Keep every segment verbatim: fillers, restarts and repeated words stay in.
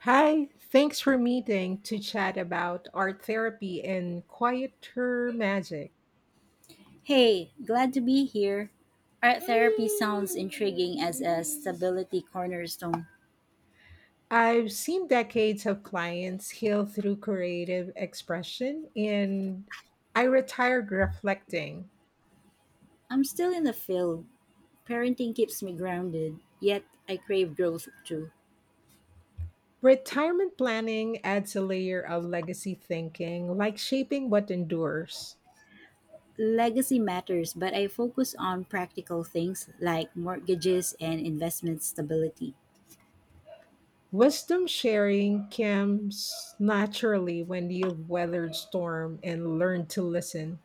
Hi, thanks for meeting to chat about art therapy and quieter magic. Hey, glad to be here. Art therapy sounds intriguing as a stability cornerstone. I've seen decades of clients heal through creative expression, and I retired reflecting. I'm still in the field. Parenting keeps me grounded, yet I crave growth too. Retirement planning adds a layer of legacy thinking, like shaping what endures. Legacy matters, but I focus on practical things like mortgages and investment stability. Wisdom sharing comes naturally when you've weathered storm and learned to listen.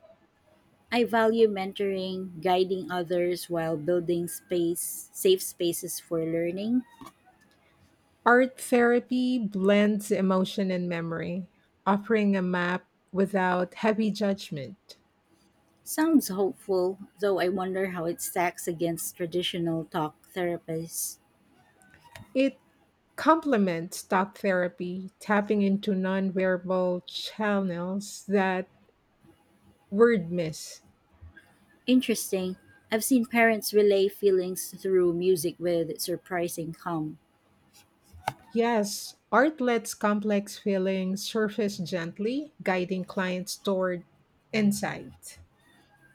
I value mentoring, guiding others while building space, safe spaces for learning. Art therapy blends emotion and memory, offering a map without heavy judgment. Sounds hopeful, though I wonder how it stacks against traditional talk therapists. It complements talk therapy, tapping into non verbal channels that word miss. Interesting. I've seen parents relay feelings through music with surprising calm. Yes, art lets complex feelings surface gently, guiding clients toward insight.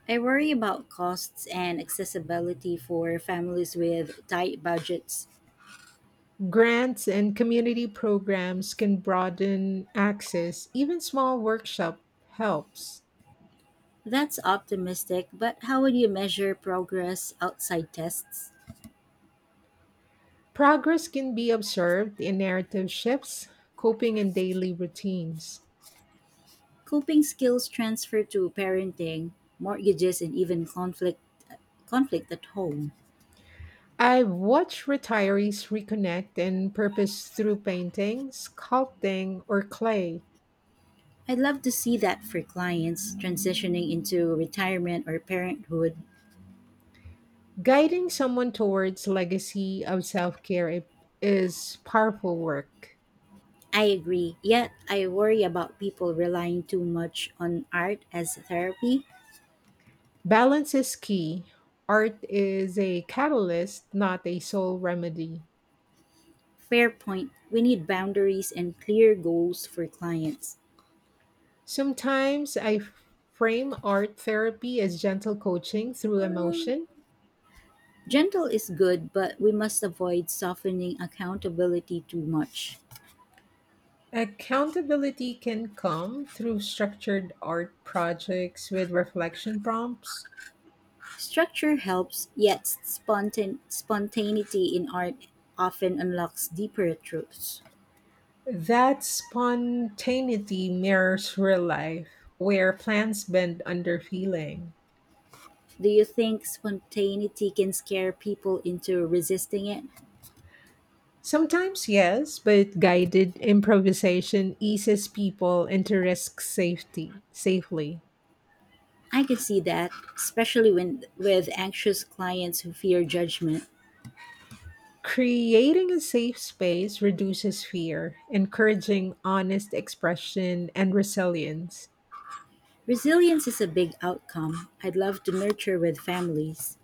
I worry about costs and accessibility for families with tight budgets. Grants and community programs can broaden access, even small workshop helps. That's optimistic, but how would you measure progress outside tests? Progress can be observed in narrative shifts, coping, and daily routines. Coping skills transfer to parenting, mortgages, and even conflict conflict at home. I've watched retirees reconnect and purpose through painting, sculpting, or clay. I'd love to see that for clients transitioning into retirement or parenthood. Guiding someone towards legacy of self-care is powerful work. I agree. Yet, I worry about people relying too much on art as therapy. Balance is key. Art is a catalyst, not a sole remedy. Fair point. We need boundaries and clear goals for clients. Sometimes I frame art therapy as gentle coaching through emotion. Gentle is good, but we must avoid softening accountability too much. Accountability can come through structured art projects with reflection prompts. Structure helps, yet spontan- spontaneity in art often unlocks deeper truths. That spontaneity mirrors real life, where plans bend under feeling. Do you think spontaneity can scare people into resisting it? Sometimes, yes, but guided improvisation eases people into risk safety safely. I can see that, especially when with anxious clients who fear judgment. Creating a safe space reduces fear, encouraging honest expression and resilience. Resilience is a big outcome I'd love to nurture with families.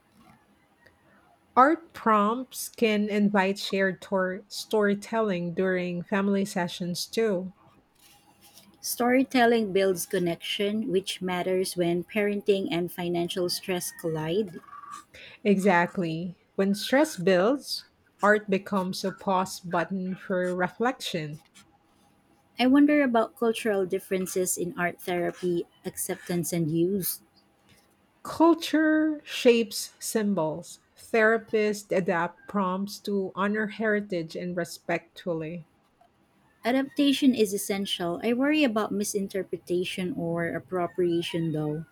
Art prompts can invite shared tor- storytelling during family sessions too. Storytelling builds connection, which matters when parenting and financial stress collide. Exactly. When stress builds, art becomes a pause button for reflection. I wonder about cultural differences in art therapy, acceptance, and use. Culture shapes symbols. Therapists adapt prompts to honor heritage and respectfully. Adaptation is essential. I worry about misinterpretation or appropriation, though.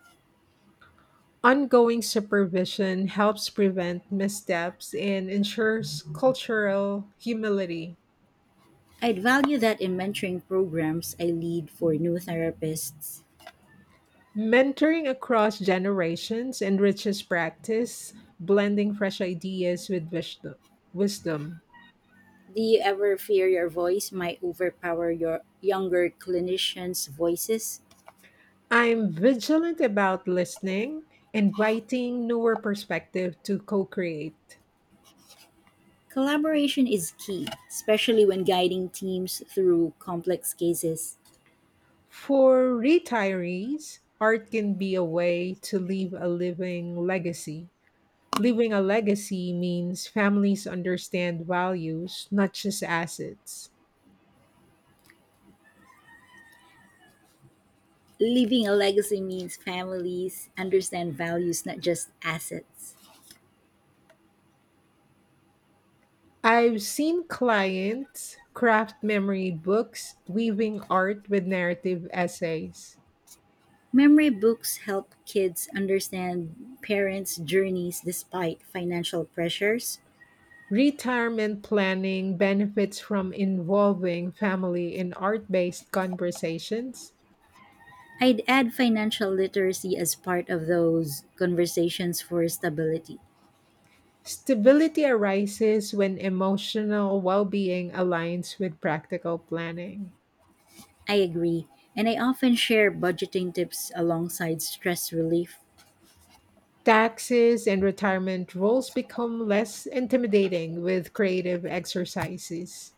Ongoing supervision helps prevent missteps and ensures cultural humility. I'd value that in mentoring programs I lead for new therapists. Mentoring across generations enriches practice, blending fresh ideas with wisdom. wisdom. Do you ever fear your voice might overpower your younger clinicians' voices? I'm vigilant about listening, inviting newer perspective to co-create. Collaboration is key, especially when guiding teams through complex cases. For retirees, art can be a way to leave a living legacy. Leaving a legacy means families understand values, not just assets. Leaving a legacy means families understand values, not just assets. I've seen clients craft memory books, weaving art with narrative essays. Memory books help kids understand parents' journeys despite financial pressures. Retirement planning benefits from involving family in art based conversations. I'd add financial literacy as part of those conversations for stability. Stability arises when emotional well being aligns with practical planning. I agree, and I often share budgeting tips alongside stress relief. Taxes and retirement rules become less intimidating with creative exercises.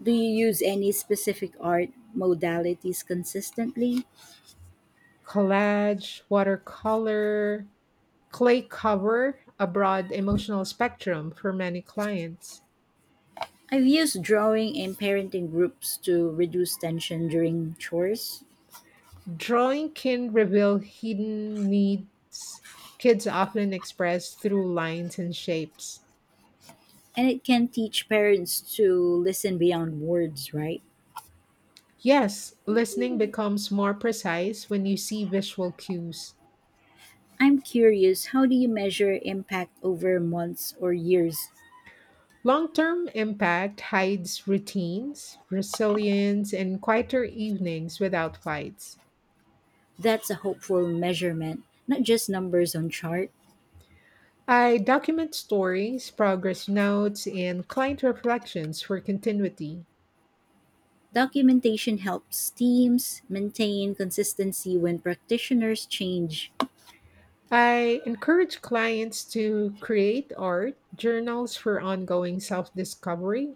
Do you use any specific art modalities consistently? Collage, watercolor, clay cover a broad emotional spectrum for many clients. I've used drawing and parenting groups to reduce tension during chores, Drawing can reveal hidden needs kids often express through lines and shapes. and it can teach parents to listen beyond words, right? Yes, listening becomes more precise when you see visual cues. I'm curious, how do you measure impact over months or years? Long term impact hides routines, resilience, and quieter evenings without fights. That's a hopeful measurement, not just numbers on chart. I document stories, progress notes, and client reflections for continuity. Documentation helps teams maintain consistency when practitioners change. I encourage clients to create art journals for ongoing self discovery.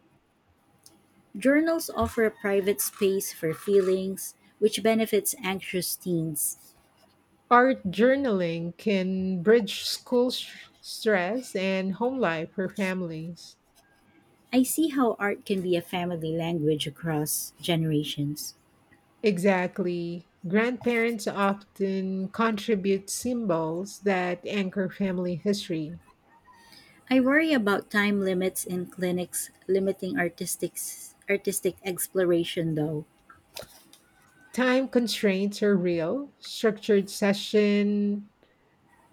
Journals offer a private space for feelings, which benefits anxious teens. Art journaling can bridge school sh- stress and home life for families. I see how art can be a family language across generations. Exactly. Grandparents often contribute symbols that anchor family history. I worry about time limits in clinics limiting artistic artistic exploration though. Time constraints are real. Structured session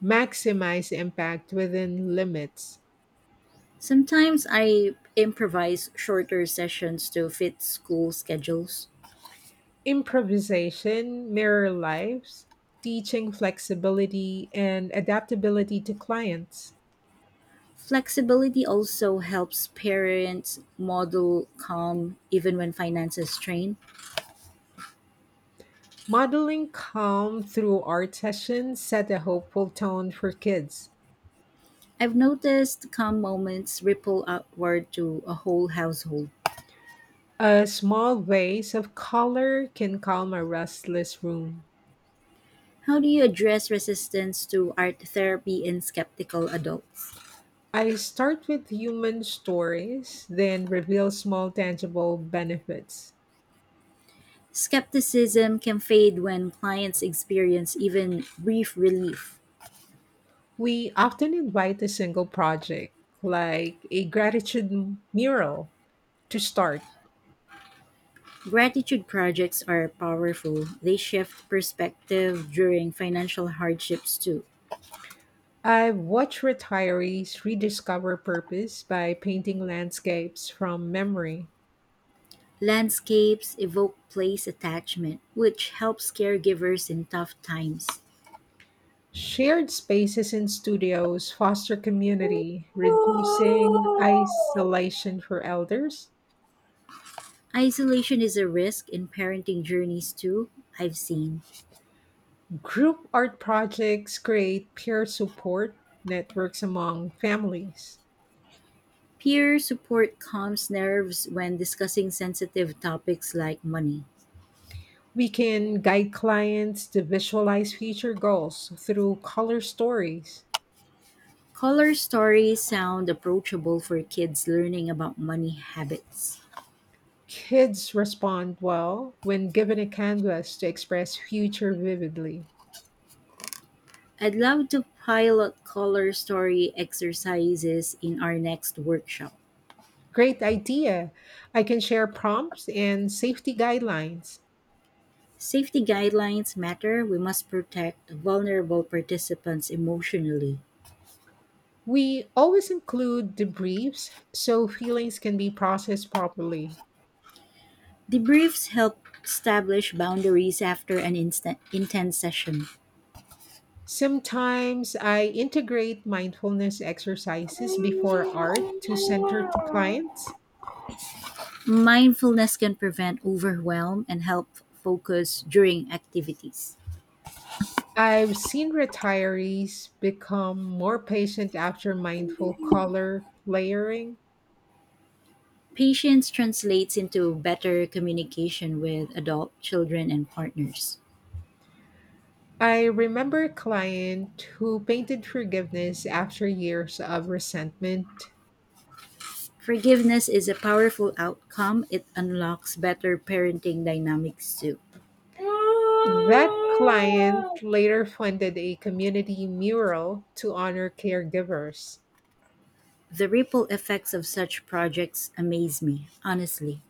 maximize impact within limits. Sometimes I improvise shorter sessions to fit school schedules. Improvisation, mirror lives, teaching flexibility and adaptability to clients. Flexibility also helps parents model calm even when finances strain. Modeling calm through art sessions set a hopeful tone for kids. I've noticed calm moments ripple outward to a whole household. A small vase of color can calm a restless room. How do you address resistance to art therapy in skeptical adults? I start with human stories, then reveal small tangible benefits. Skepticism can fade when clients experience even brief relief. We often invite a single project, like a gratitude mural, to start. Gratitude projects are powerful. They shift perspective during financial hardships too. I've watched retirees rediscover purpose by painting landscapes from memory. Landscapes evoke place attachment, which helps caregivers in tough times. Shared spaces in studios foster community, reducing isolation for elders. Isolation is a risk in parenting journeys too, I've seen. Group art projects create peer support networks among families. Peer support calms nerves when discussing sensitive topics like money. We can guide clients to visualize future goals through color stories. Color stories sound approachable for kids learning about money habits. Kids respond well when given a canvas to express future vividly. I'd love to pilot color story exercises in our next workshop. Great idea. I can share prompts and safety guidelines. Safety guidelines matter. We must protect vulnerable participants emotionally. We always include debriefs so feelings can be processed properly. Debriefs help establish boundaries after an instant, intense session. Sometimes I integrate mindfulness exercises before art to center clients. Mindfulness can prevent overwhelm and help focus during activities. I've seen retirees become more patient after mindful color layering. Patience translates into better communication with adult children and partners. I remember a client who painted forgiveness after years of resentment. Forgiveness is a powerful outcome. It unlocks better parenting dynamics too. That client later funded a community mural to honor caregivers. The ripple effects of such projects amaze me, honestly.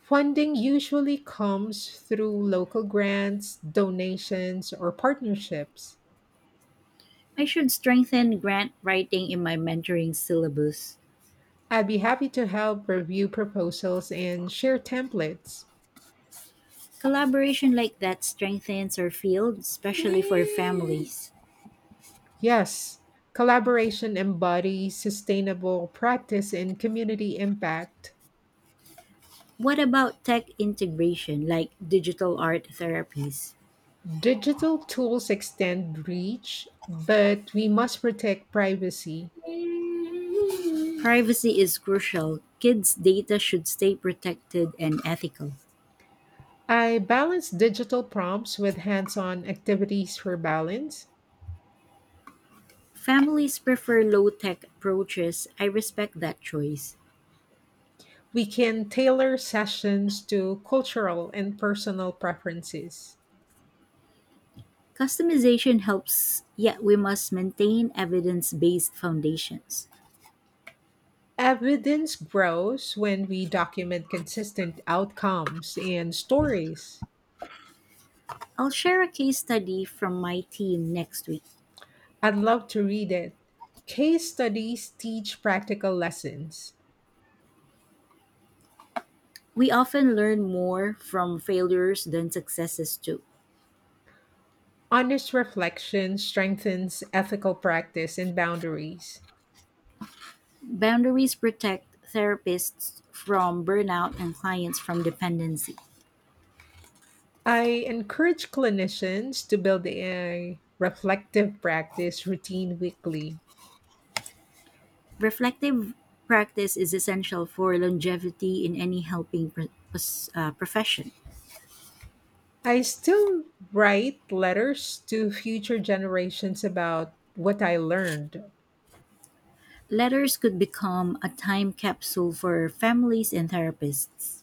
Funding usually comes through local grants, donations, or partnerships. I should strengthen grant writing in my mentoring syllabus. I'd be happy to help review proposals and share templates. Collaboration like that strengthens our field, especially for families. Yes, collaboration embodies sustainable practice and community impact. What about tech integration, like digital art therapies? Digital tools extend reach, but we must protect privacy. Privacy is crucial. Kids' data should stay protected and ethical. I balance digital prompts with hands on activities for balance. Families prefer low tech approaches. I respect that choice. We can tailor sessions to cultural and personal preferences. Customization helps, yet we must maintain evidence based foundations. Evidence grows when we document consistent outcomes and stories. I'll share a case study from my team next week. I'd love to read it. Case studies teach practical lessons. We often learn more from failures than successes, too. Honest reflection strengthens ethical practice and boundaries. Boundaries protect therapists from burnout and clients from dependency. I encourage clinicians to build a reflective practice routine weekly. Reflective practice is essential for longevity in any helping pr- pos- uh, profession. I still write letters to future generations about what I learned. Letters could become a time capsule for families and therapists.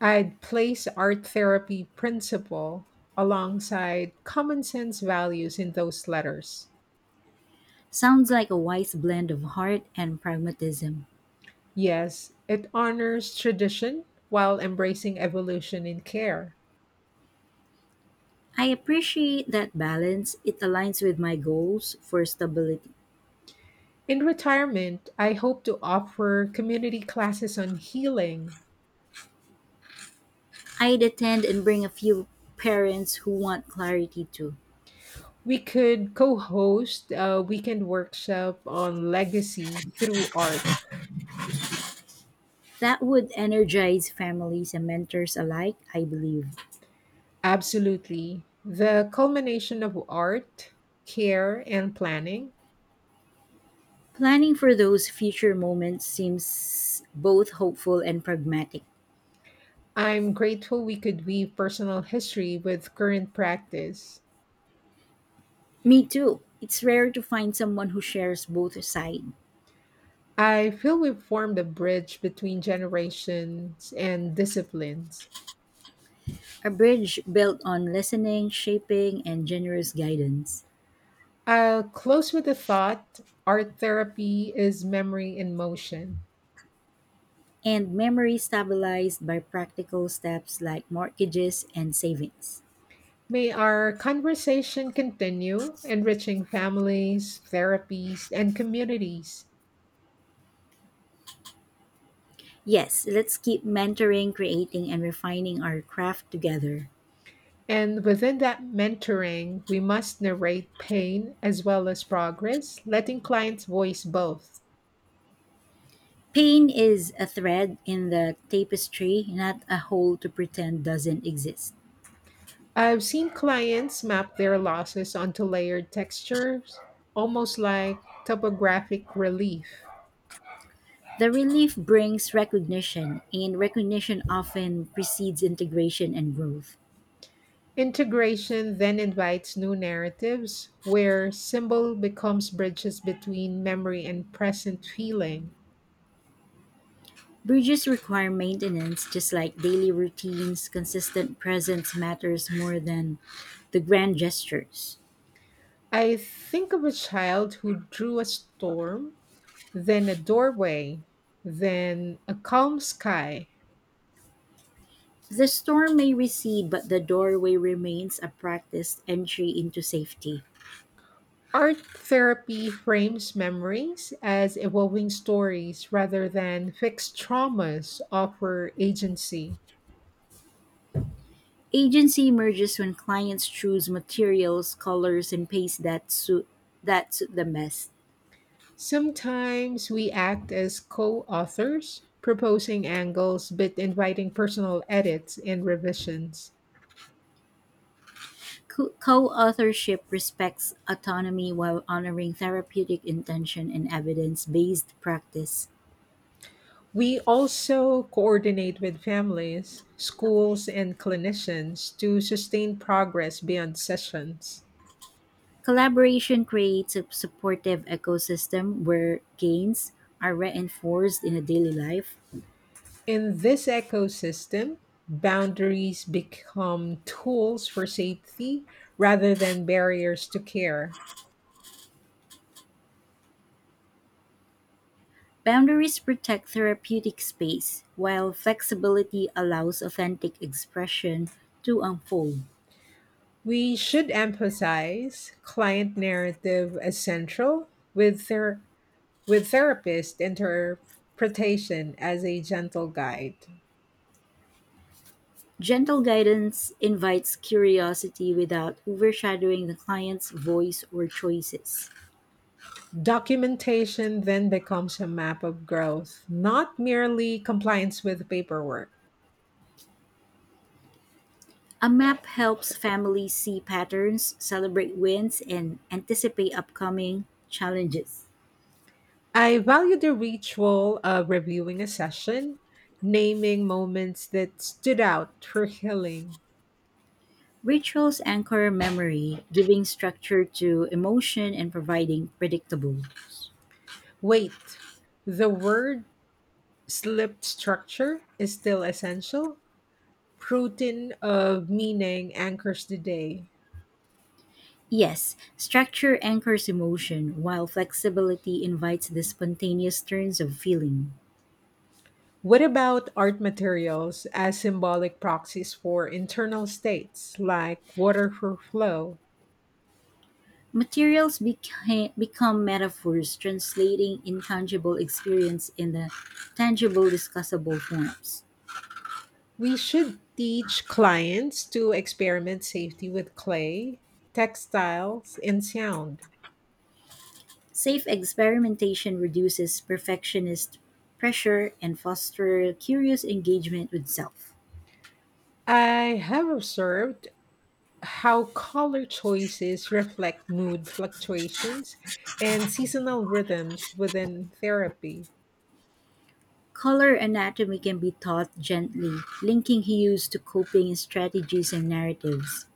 I'd place art therapy principle alongside common sense values in those letters. Sounds like a wise blend of heart and pragmatism. Yes, it honors tradition while embracing evolution in care. I appreciate that balance. It aligns with my goals for stability. In retirement, I hope to offer community classes on healing. I'd attend and bring a few parents who want clarity too. We could co host a weekend workshop on legacy through art. That would energize families and mentors alike, I believe. Absolutely. The culmination of art, care, and planning. Planning for those future moments seems both hopeful and pragmatic. I'm grateful we could weave personal history with current practice. Me too. It's rare to find someone who shares both sides. I feel we've formed a bridge between generations and disciplines. A bridge built on listening, shaping, and generous guidance. I'll close with a thought. Art therapy is memory in motion. And memory stabilized by practical steps like mortgages and savings. May our conversation continue, enriching families, therapies, and communities. Yes, let's keep mentoring, creating, and refining our craft together. And within that mentoring, we must narrate pain as well as progress, letting clients voice both. Pain is a thread in the tapestry, not a hole to pretend doesn't exist. I've seen clients map their losses onto layered textures, almost like topographic relief. The relief brings recognition, and recognition often precedes integration and growth. Integration then invites new narratives, where symbol becomes bridges between memory and present feeling. Bridges require maintenance just like daily routines. Consistent presence matters more than the grand gestures. I think of a child who drew a storm, then a doorway, then a calm sky. The storm may recede, but the doorway remains a practiced entry into safety. Art therapy frames memories as evolving stories rather than fixed traumas offer agency. Agency emerges when clients choose materials, colors, and pace that suit that suit them best. Sometimes we act as co authors, proposing angles but inviting personal edits and revisions. Co- Co-authorship respects autonomy while honoring therapeutic intention and evidence-based practice. We also coordinate with families, schools, and clinicians to sustain progress beyond sessions. Collaboration creates a supportive ecosystem where gains are reinforced in a daily life. In this ecosystem, boundaries become tools for safety rather than barriers to care. Boundaries protect therapeutic space, while flexibility allows authentic expression to unfold. We should emphasize client narrative as central with their with therapist interpretation as a gentle guide. Gentle guidance invites curiosity without overshadowing the client's voice or choices. Documentation then becomes a map of growth, not merely compliance with paperwork. A map helps families see patterns, celebrate wins, and anticipate upcoming challenges. I value the ritual of reviewing a session, naming moments that stood out for healing. Rituals anchor memory, giving structure to emotion and providing predictable. Wait, the word slipped, structure is still essential. Protein of meaning anchors the day. Yes, structure anchors emotion, while flexibility invites the spontaneous turns of feeling. What about art materials as symbolic proxies for internal states like water for flow? Materials beca- become metaphors, translating intangible experience in the tangible, discussable forms. We should teach clients to experiment safety with clay, textiles, and sound. Safe experimentation reduces perfectionist pressure and fosters curious engagement with self. I have observed how color choices reflect mood fluctuations and seasonal rhythms within therapy. Color anatomy can be taught gently, linking hues to coping strategies and narratives.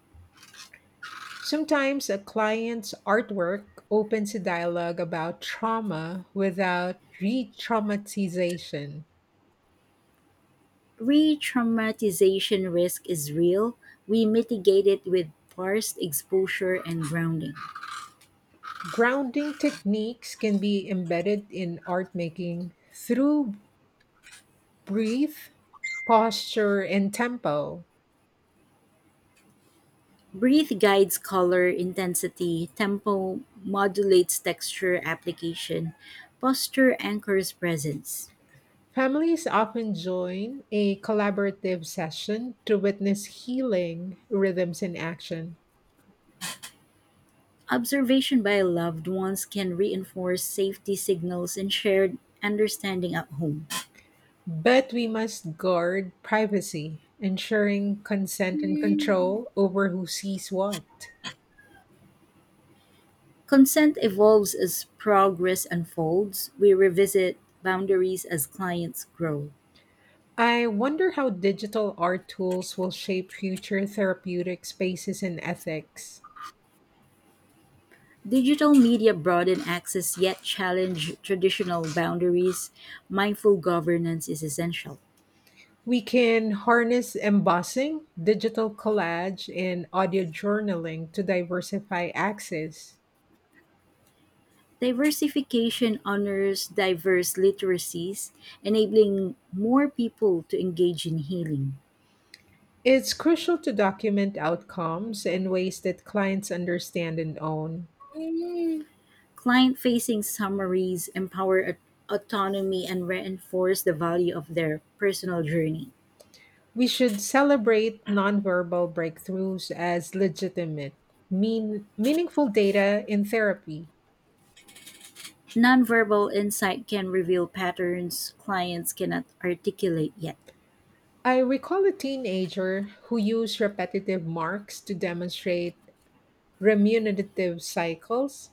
Sometimes a client's artwork opens a dialogue about trauma without re traumatization. Re traumatization risk is real. We mitigate it with parsed exposure and grounding. Grounding techniques can be embedded in art making through breath, posture, and tempo. Breathe guides color intensity, tempo modulates texture application, posture anchors presence. Families often join a collaborative session to witness healing rhythms in action. Observation by loved ones can reinforce safety signals and shared understanding at home. But we must guard privacy, ensuring consent and Mm. control over who sees what. Consent evolves as progress unfolds. We revisit boundaries as clients grow. I wonder how digital art tools will shape future therapeutic spaces and ethics. Digital media broaden access yet challenge traditional boundaries. Mindful governance is essential. We can harness embossing, digital collage, and audio journaling to diversify access. Diversification honors diverse literacies, enabling more people to engage in healing. It's crucial to document outcomes in ways that clients understand and own. Client-facing summaries empower aut- autonomy and reinforce the value of their personal journey. We should celebrate nonverbal breakthroughs as legitimate, mean, meaningful data in therapy. Nonverbal insight can reveal patterns clients cannot articulate yet. I recall a teenager who used repetitive marks to demonstrate remunerative cycles.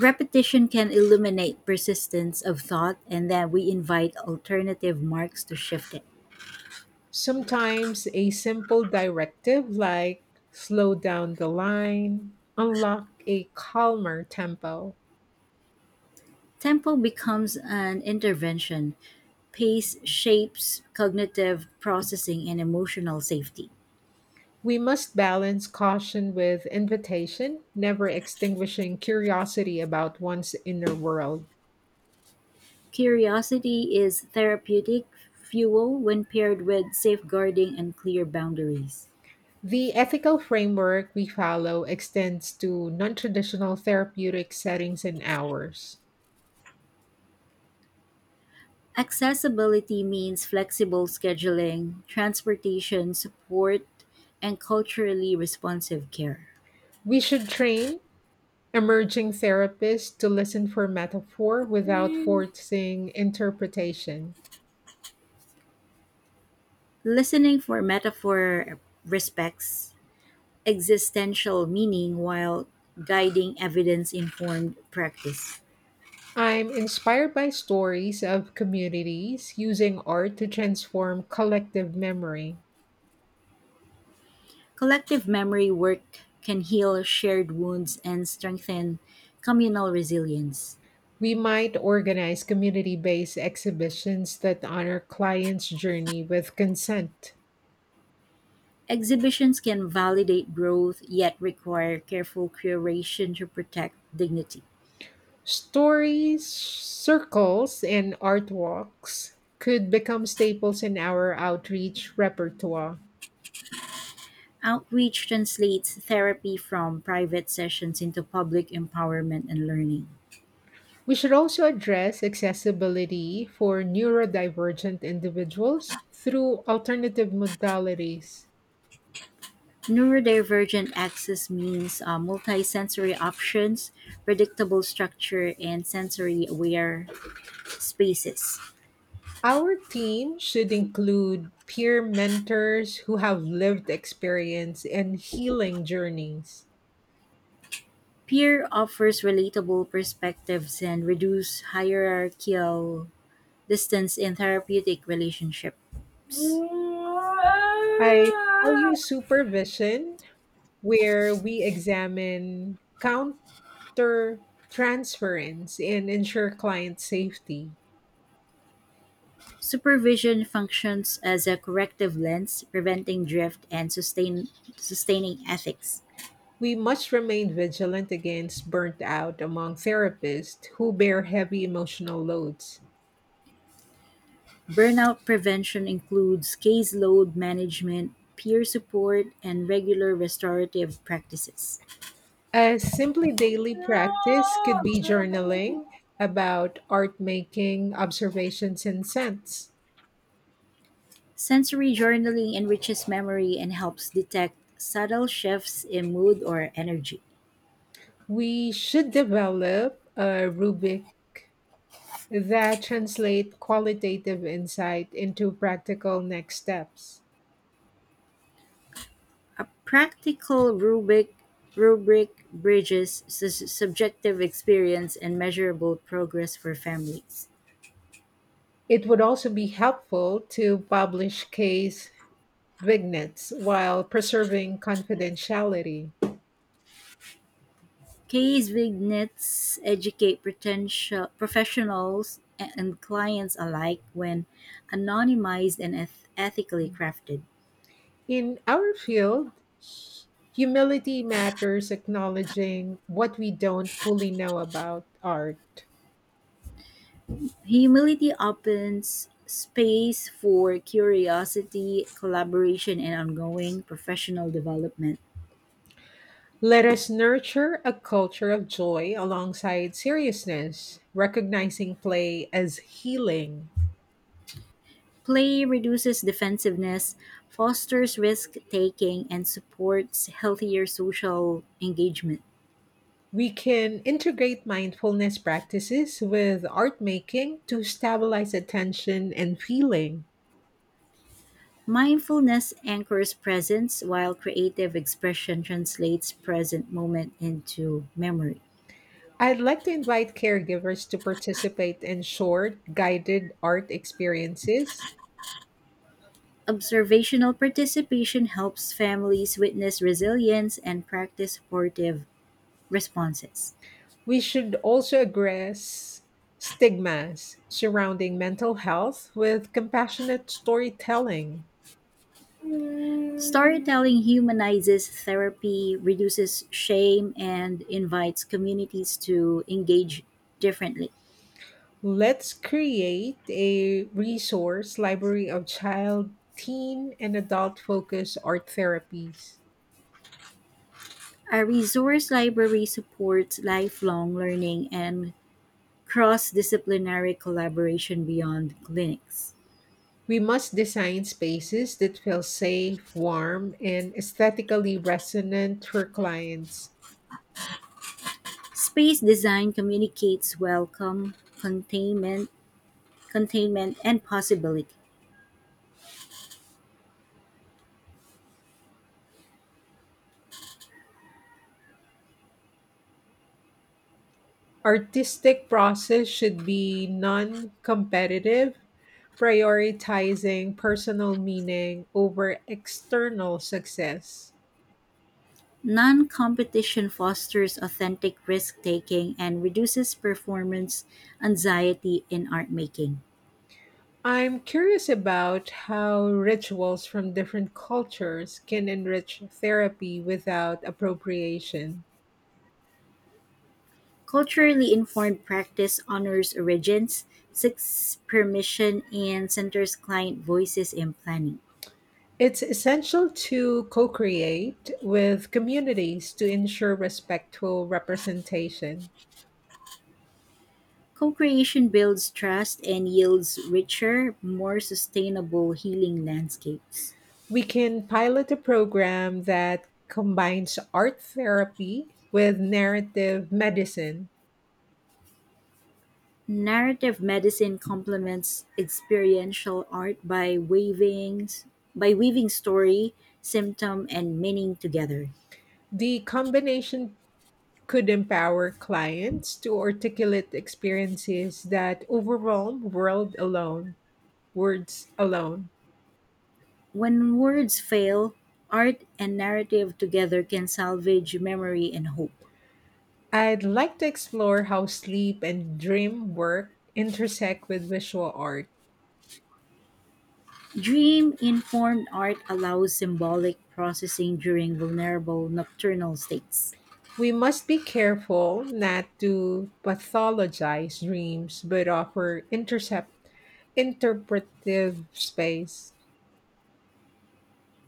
Repetition can illuminate persistence of thought, and then we invite alternative marks to shift it. Sometimes a simple directive like slow down the line unlock a calmer tempo. Tempo becomes an intervention. Pace shapes cognitive processing and emotional safety. We must balance caution with invitation, never extinguishing curiosity about one's inner world. Curiosity is therapeutic fuel when paired with safeguarding and clear boundaries. The ethical framework we follow extends to non traditional therapeutic settings and hours. Accessibility means flexible scheduling, transportation support, and culturally responsive care. We should train emerging therapists to listen for metaphor without Mm. forcing interpretation. Listening for metaphor respects existential meaning while guiding evidence informed practice. I'm inspired by stories of communities using art to transform collective memory. Collective memory work can heal shared wounds and strengthen communal resilience. We might organize community based exhibitions that honor clients' journey with consent. Exhibitions can validate growth, yet require careful curation to protect dignity. Stories, circles, and art walks could become staples in our outreach repertoire. Outreach translates therapy from private sessions into public empowerment and learning. We should also address accessibility for neurodivergent individuals through alternative modalities. Neurodivergent access means uh, multisensory options, predictable structure, and sensory aware spaces. Our team should include peer mentors who have lived experience and healing journeys. Peer offers relatable perspectives and reduce hierarchical distance in therapeutic relationship. I value supervision where we examine counter transference and ensure client safety. Supervision functions as a corrective lens, preventing drift and sustain, sustaining ethics. We must remain vigilant against burnt out among therapists who bear heavy emotional loads. Burnout prevention includes caseload management, peer support, and regular restorative practices. A simply daily practice could be journaling about art making, observations, and scents. Sensory journaling enriches memory and helps detect subtle shifts in mood or energy. We should develop a rubric that translate qualitative insight into practical next steps. A practical rubric rubric bridges su- subjective experience and measurable progress for families. It would also be helpful to publish case vignettes while preserving confidentiality. Case vignettes educate potential professionals and clients alike when anonymized and eth- ethically crafted. In our field, hu- humility matters acknowledging what we don't fully know about art. Humility opens space for curiosity, collaboration, and ongoing professional development. Let us nurture a culture of joy alongside seriousness, recognizing play as healing. Play reduces defensiveness, fosters risk taking, and supports healthier social engagement. We can integrate mindfulness practices with art making to stabilize attention and feeling. Mindfulness anchors presence, while creative expression translates present moment into memory. I'd like to invite caregivers to participate in short, guided art experiences. Observational participation helps families witness resilience and practice supportive responses. We should also address stigmas surrounding mental health with compassionate storytelling. Storytelling humanizes therapy, reduces shame, and invites communities to engage differently. Let's create a resource library of child, teen, and adult focused art therapies. A resource library supports lifelong learning and cross-disciplinary collaboration beyond clinics. We must design spaces that feel safe, warm, and aesthetically resonant for clients. Space design communicates welcome, containment, containment and possibility. Artistic process should be non competitive, prioritizing personal meaning over external success. Non-competition fosters authentic risk-taking and reduces performance anxiety in art making. I'm curious about how rituals from different cultures can enrich therapy without appropriation. Culturally informed practice honors origins, seeks permission, and centers client voices in planning. It's essential to co create with communities to ensure respectful representation. Co-creation builds trust and yields richer, more sustainable healing landscapes. We can pilot a program that combines art therapy with narrative medicine. Narrative medicine complements experiential art by weaving by weaving story, symptom and meaning together. The combination could empower clients to articulate experiences that overwhelm world alone, words alone. When words fail, art and narrative together can salvage memory and hope. I'd like to explore how sleep and dream work intersect with visual art. Dream informed art allows symbolic processing during vulnerable nocturnal states. We must be careful not to pathologize dreams, but offer intercept interpretive space.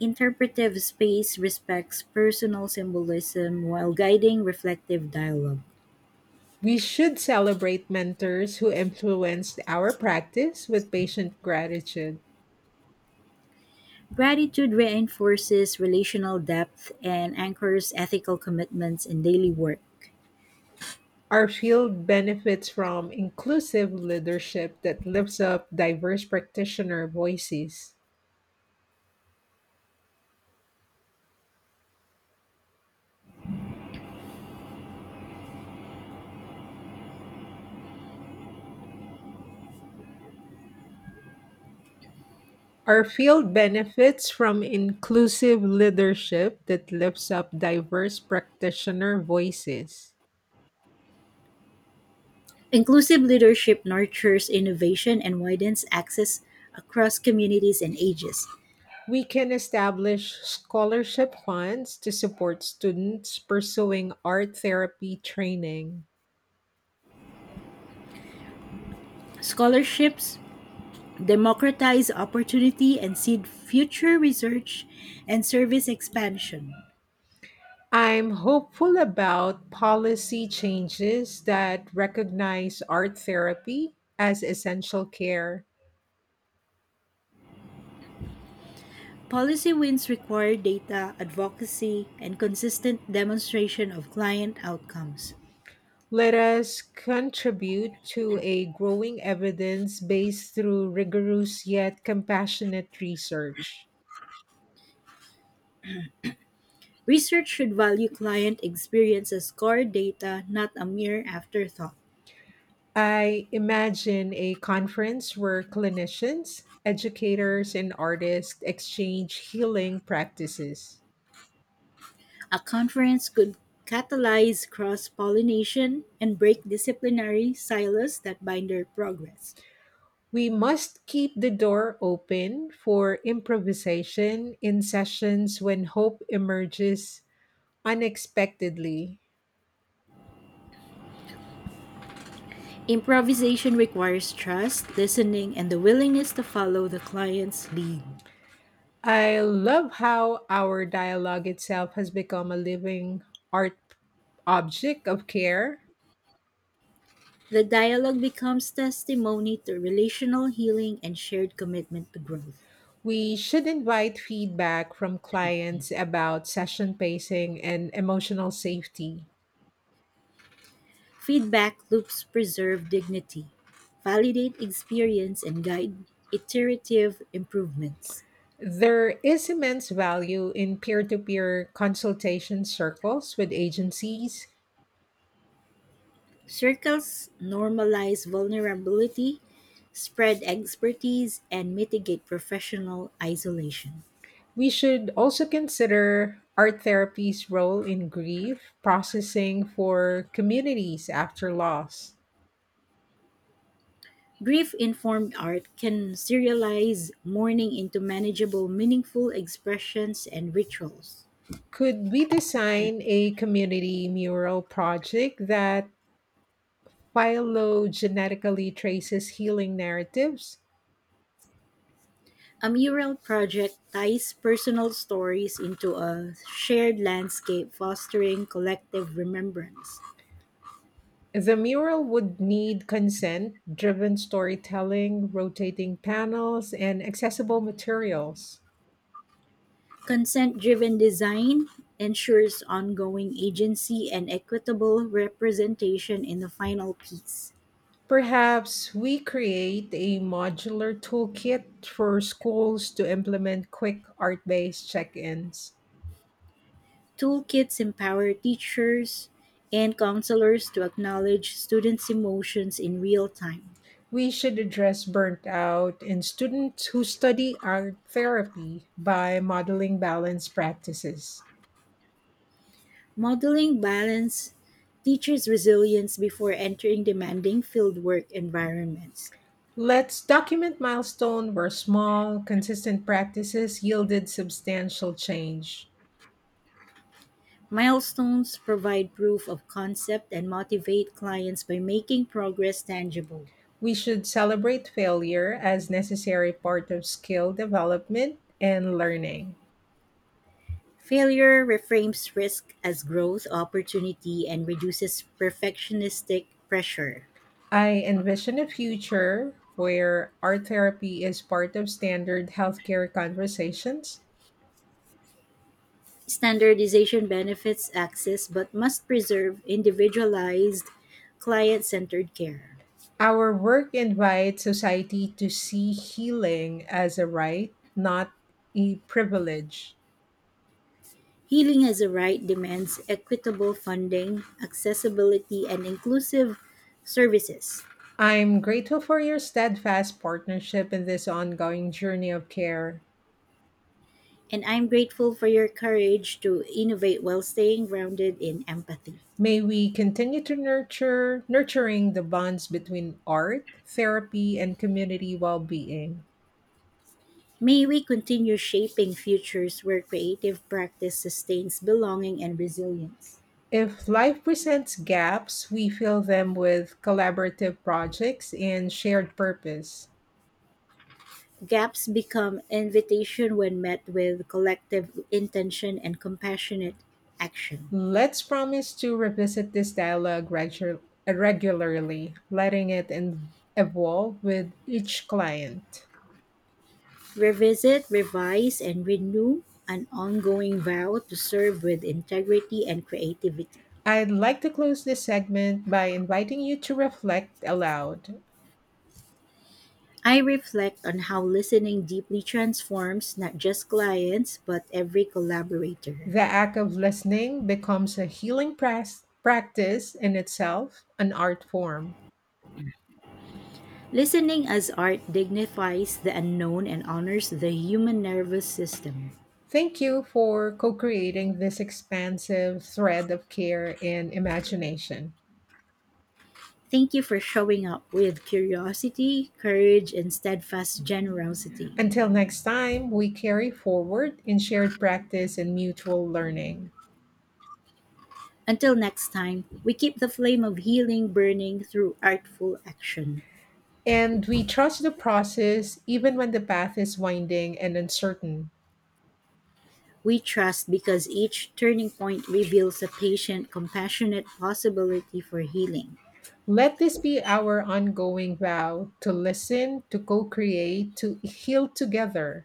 Interpretive space respects personal symbolism while guiding reflective dialogue. We should celebrate mentors who influenced our practice with patient gratitude. Gratitude reinforces relational depth and anchors ethical commitments in daily work. Our field benefits from inclusive leadership that lifts up diverse practitioner voices. Our field benefits from inclusive leadership that lifts up diverse practitioner voices. Inclusive leadership nurtures innovation and widens access across communities and ages. We can establish scholarship funds to support students pursuing art therapy training. Scholarships democratize opportunity and seed future research and service expansion. I'm hopeful about policy changes that recognize art therapy as essential care. Policy wins require data, advocacy, and consistent demonstration of client outcomes. Let us contribute to a growing evidence base through rigorous yet compassionate research. Research should value client experience as core data, not a mere afterthought. I imagine a conference where clinicians, educators, and artists exchange healing practices. A conference could catalyze cross pollination and break disciplinary silos that binder progress. We must keep the door open for improvisation in sessions when hope emerges unexpectedly. Improvisation requires trust, listening, and the willingness to follow the client's lead. I love how our dialogue itself has become a living art object of care. The dialogue becomes testimony to relational healing and shared commitment to growth. We should invite feedback from clients about session pacing and emotional safety. Feedback loops preserve dignity, validate experience, and guide iterative improvements. There is immense value in peer to peer consultation circles with agencies. Circles normalize vulnerability, spread expertise, and mitigate professional isolation. We should also consider art therapy's role in grief processing for communities after loss. Grief informed art can serialize mourning into manageable, meaningful expressions and rituals. Could we design a community mural project that phylogenetically traces healing narratives? A mural project ties personal stories into a shared landscape, fostering collective remembrance. The mural would need consent driven storytelling, rotating panels, and accessible materials. Consent-driven design ensures ongoing agency and equitable representation in the final piece. Perhaps we create a modular toolkit for schools to implement quick art based check ins. Toolkits empower teachers and counselors to acknowledge students' emotions in real time. We should address burnt out and students who study art therapy by modeling balanced practices. Modeling balance teachers' resilience before entering demanding fieldwork environments. Let's document milestones where small, consistent practices yielded substantial change. Milestones provide proof of concept and motivate clients by making progress tangible. We should celebrate failure as necessary part of skill development and learning. Failure reframes risk as growth opportunity and reduces perfectionistic pressure. I envision a future where art therapy is part of standard healthcare conversations. Standardization benefits access but must preserve individualized, client centered care. Our work invites society to see healing as a right, not a privilege. Healing as a right demands equitable funding, accessibility, and inclusive services. I'm grateful for your steadfast partnership in this ongoing journey of care. And I'm grateful for your courage to innovate while staying grounded in empathy. May we continue to nurture nurturing the bonds between art, therapy, and community well-being. May we continue shaping futures where creative practice sustains belonging and resilience. If life presents gaps, we fill them with collaborative projects and shared purpose. Gaps become invitation when met with collective intention and compassionate action. Let's promise to revisit this dialogue regu- regularly, letting it en- evolve with each client. Revisit, revise, and renew an ongoing vow to serve with integrity and creativity. I'd like to close this segment by inviting you to reflect aloud. I reflect on how listening deeply transforms not just clients, but every collaborator. The act of listening becomes a healing press, practice in itself, an art form. Listening as art dignifies the unknown and honors the human nervous system. Thank you for co creating this expansive thread of care and imagination. Thank you for showing up with curiosity, courage, and steadfast generosity. Until next time, we carry forward in shared practice and mutual learning. Until next time, we keep the flame of healing burning through artful action. And we trust the process even when the path is winding and uncertain. We trust because each turning point reveals a patient, compassionate possibility for healing. Let this be our ongoing vow to listen, to co create, to heal together.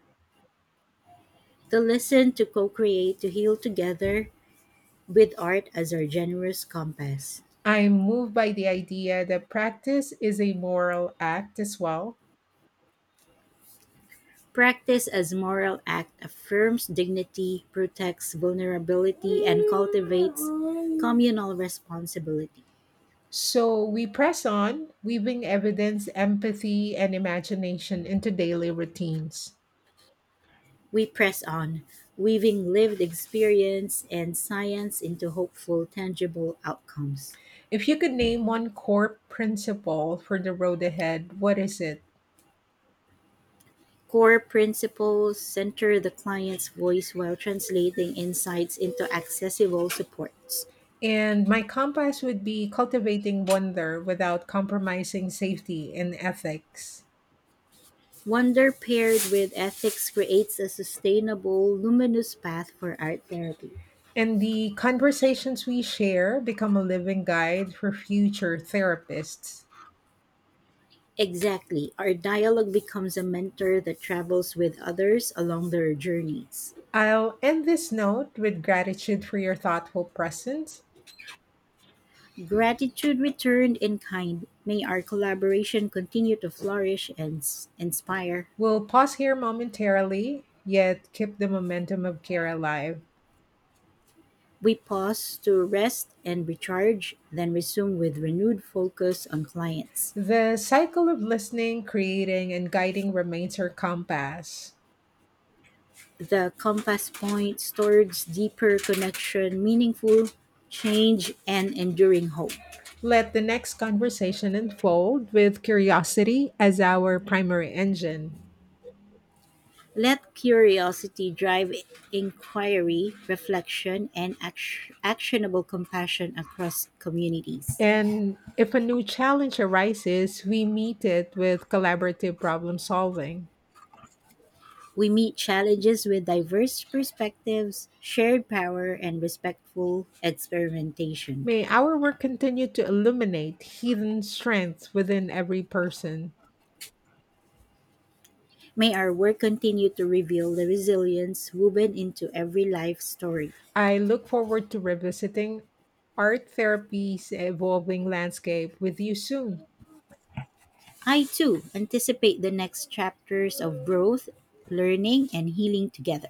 To listen, to co create, to heal together with art as our generous compass. I'm moved by the idea that practice is a moral act as well. Practice as moral act affirms dignity, protects vulnerability, and cultivates communal responsibility. So we press on, weaving evidence, empathy, and imagination into daily routines. We press on, weaving lived experience and science into hopeful, tangible outcomes. If you could name one core principle for the road ahead, what is it? Core principles center the client's voice while translating insights into accessible supports. And my compass would be cultivating wonder without compromising safety and ethics. Wonder paired with ethics creates a sustainable, luminous path for art therapy. And the conversations we share become a living guide for future therapists. Exactly. Our dialogue becomes a mentor that travels with others along their journeys. I'll end this note with gratitude for your thoughtful presence. Gratitude returned in kind. May our collaboration continue to flourish and s- inspire. We'll pause here momentarily, yet keep the momentum of care alive. We pause to rest and recharge, then resume with renewed focus on clients. The cycle of listening, creating, and guiding remains our compass. The compass points towards deeper connection, meaningful change, and enduring hope. Let the next conversation unfold with curiosity as our primary engine. Let curiosity drive inquiry, reflection, and act- actionable compassion across communities. And if a new challenge arises, we meet it with collaborative problem solving. We meet challenges with diverse perspectives, shared power, and respectful experimentation. May our work continue to illuminate hidden strengths within every person. May our work continue to reveal the resilience woven into every life story. I look forward to revisiting art therapy's evolving landscape with you soon. I too anticipate the next chapters of growth, learning, and healing together.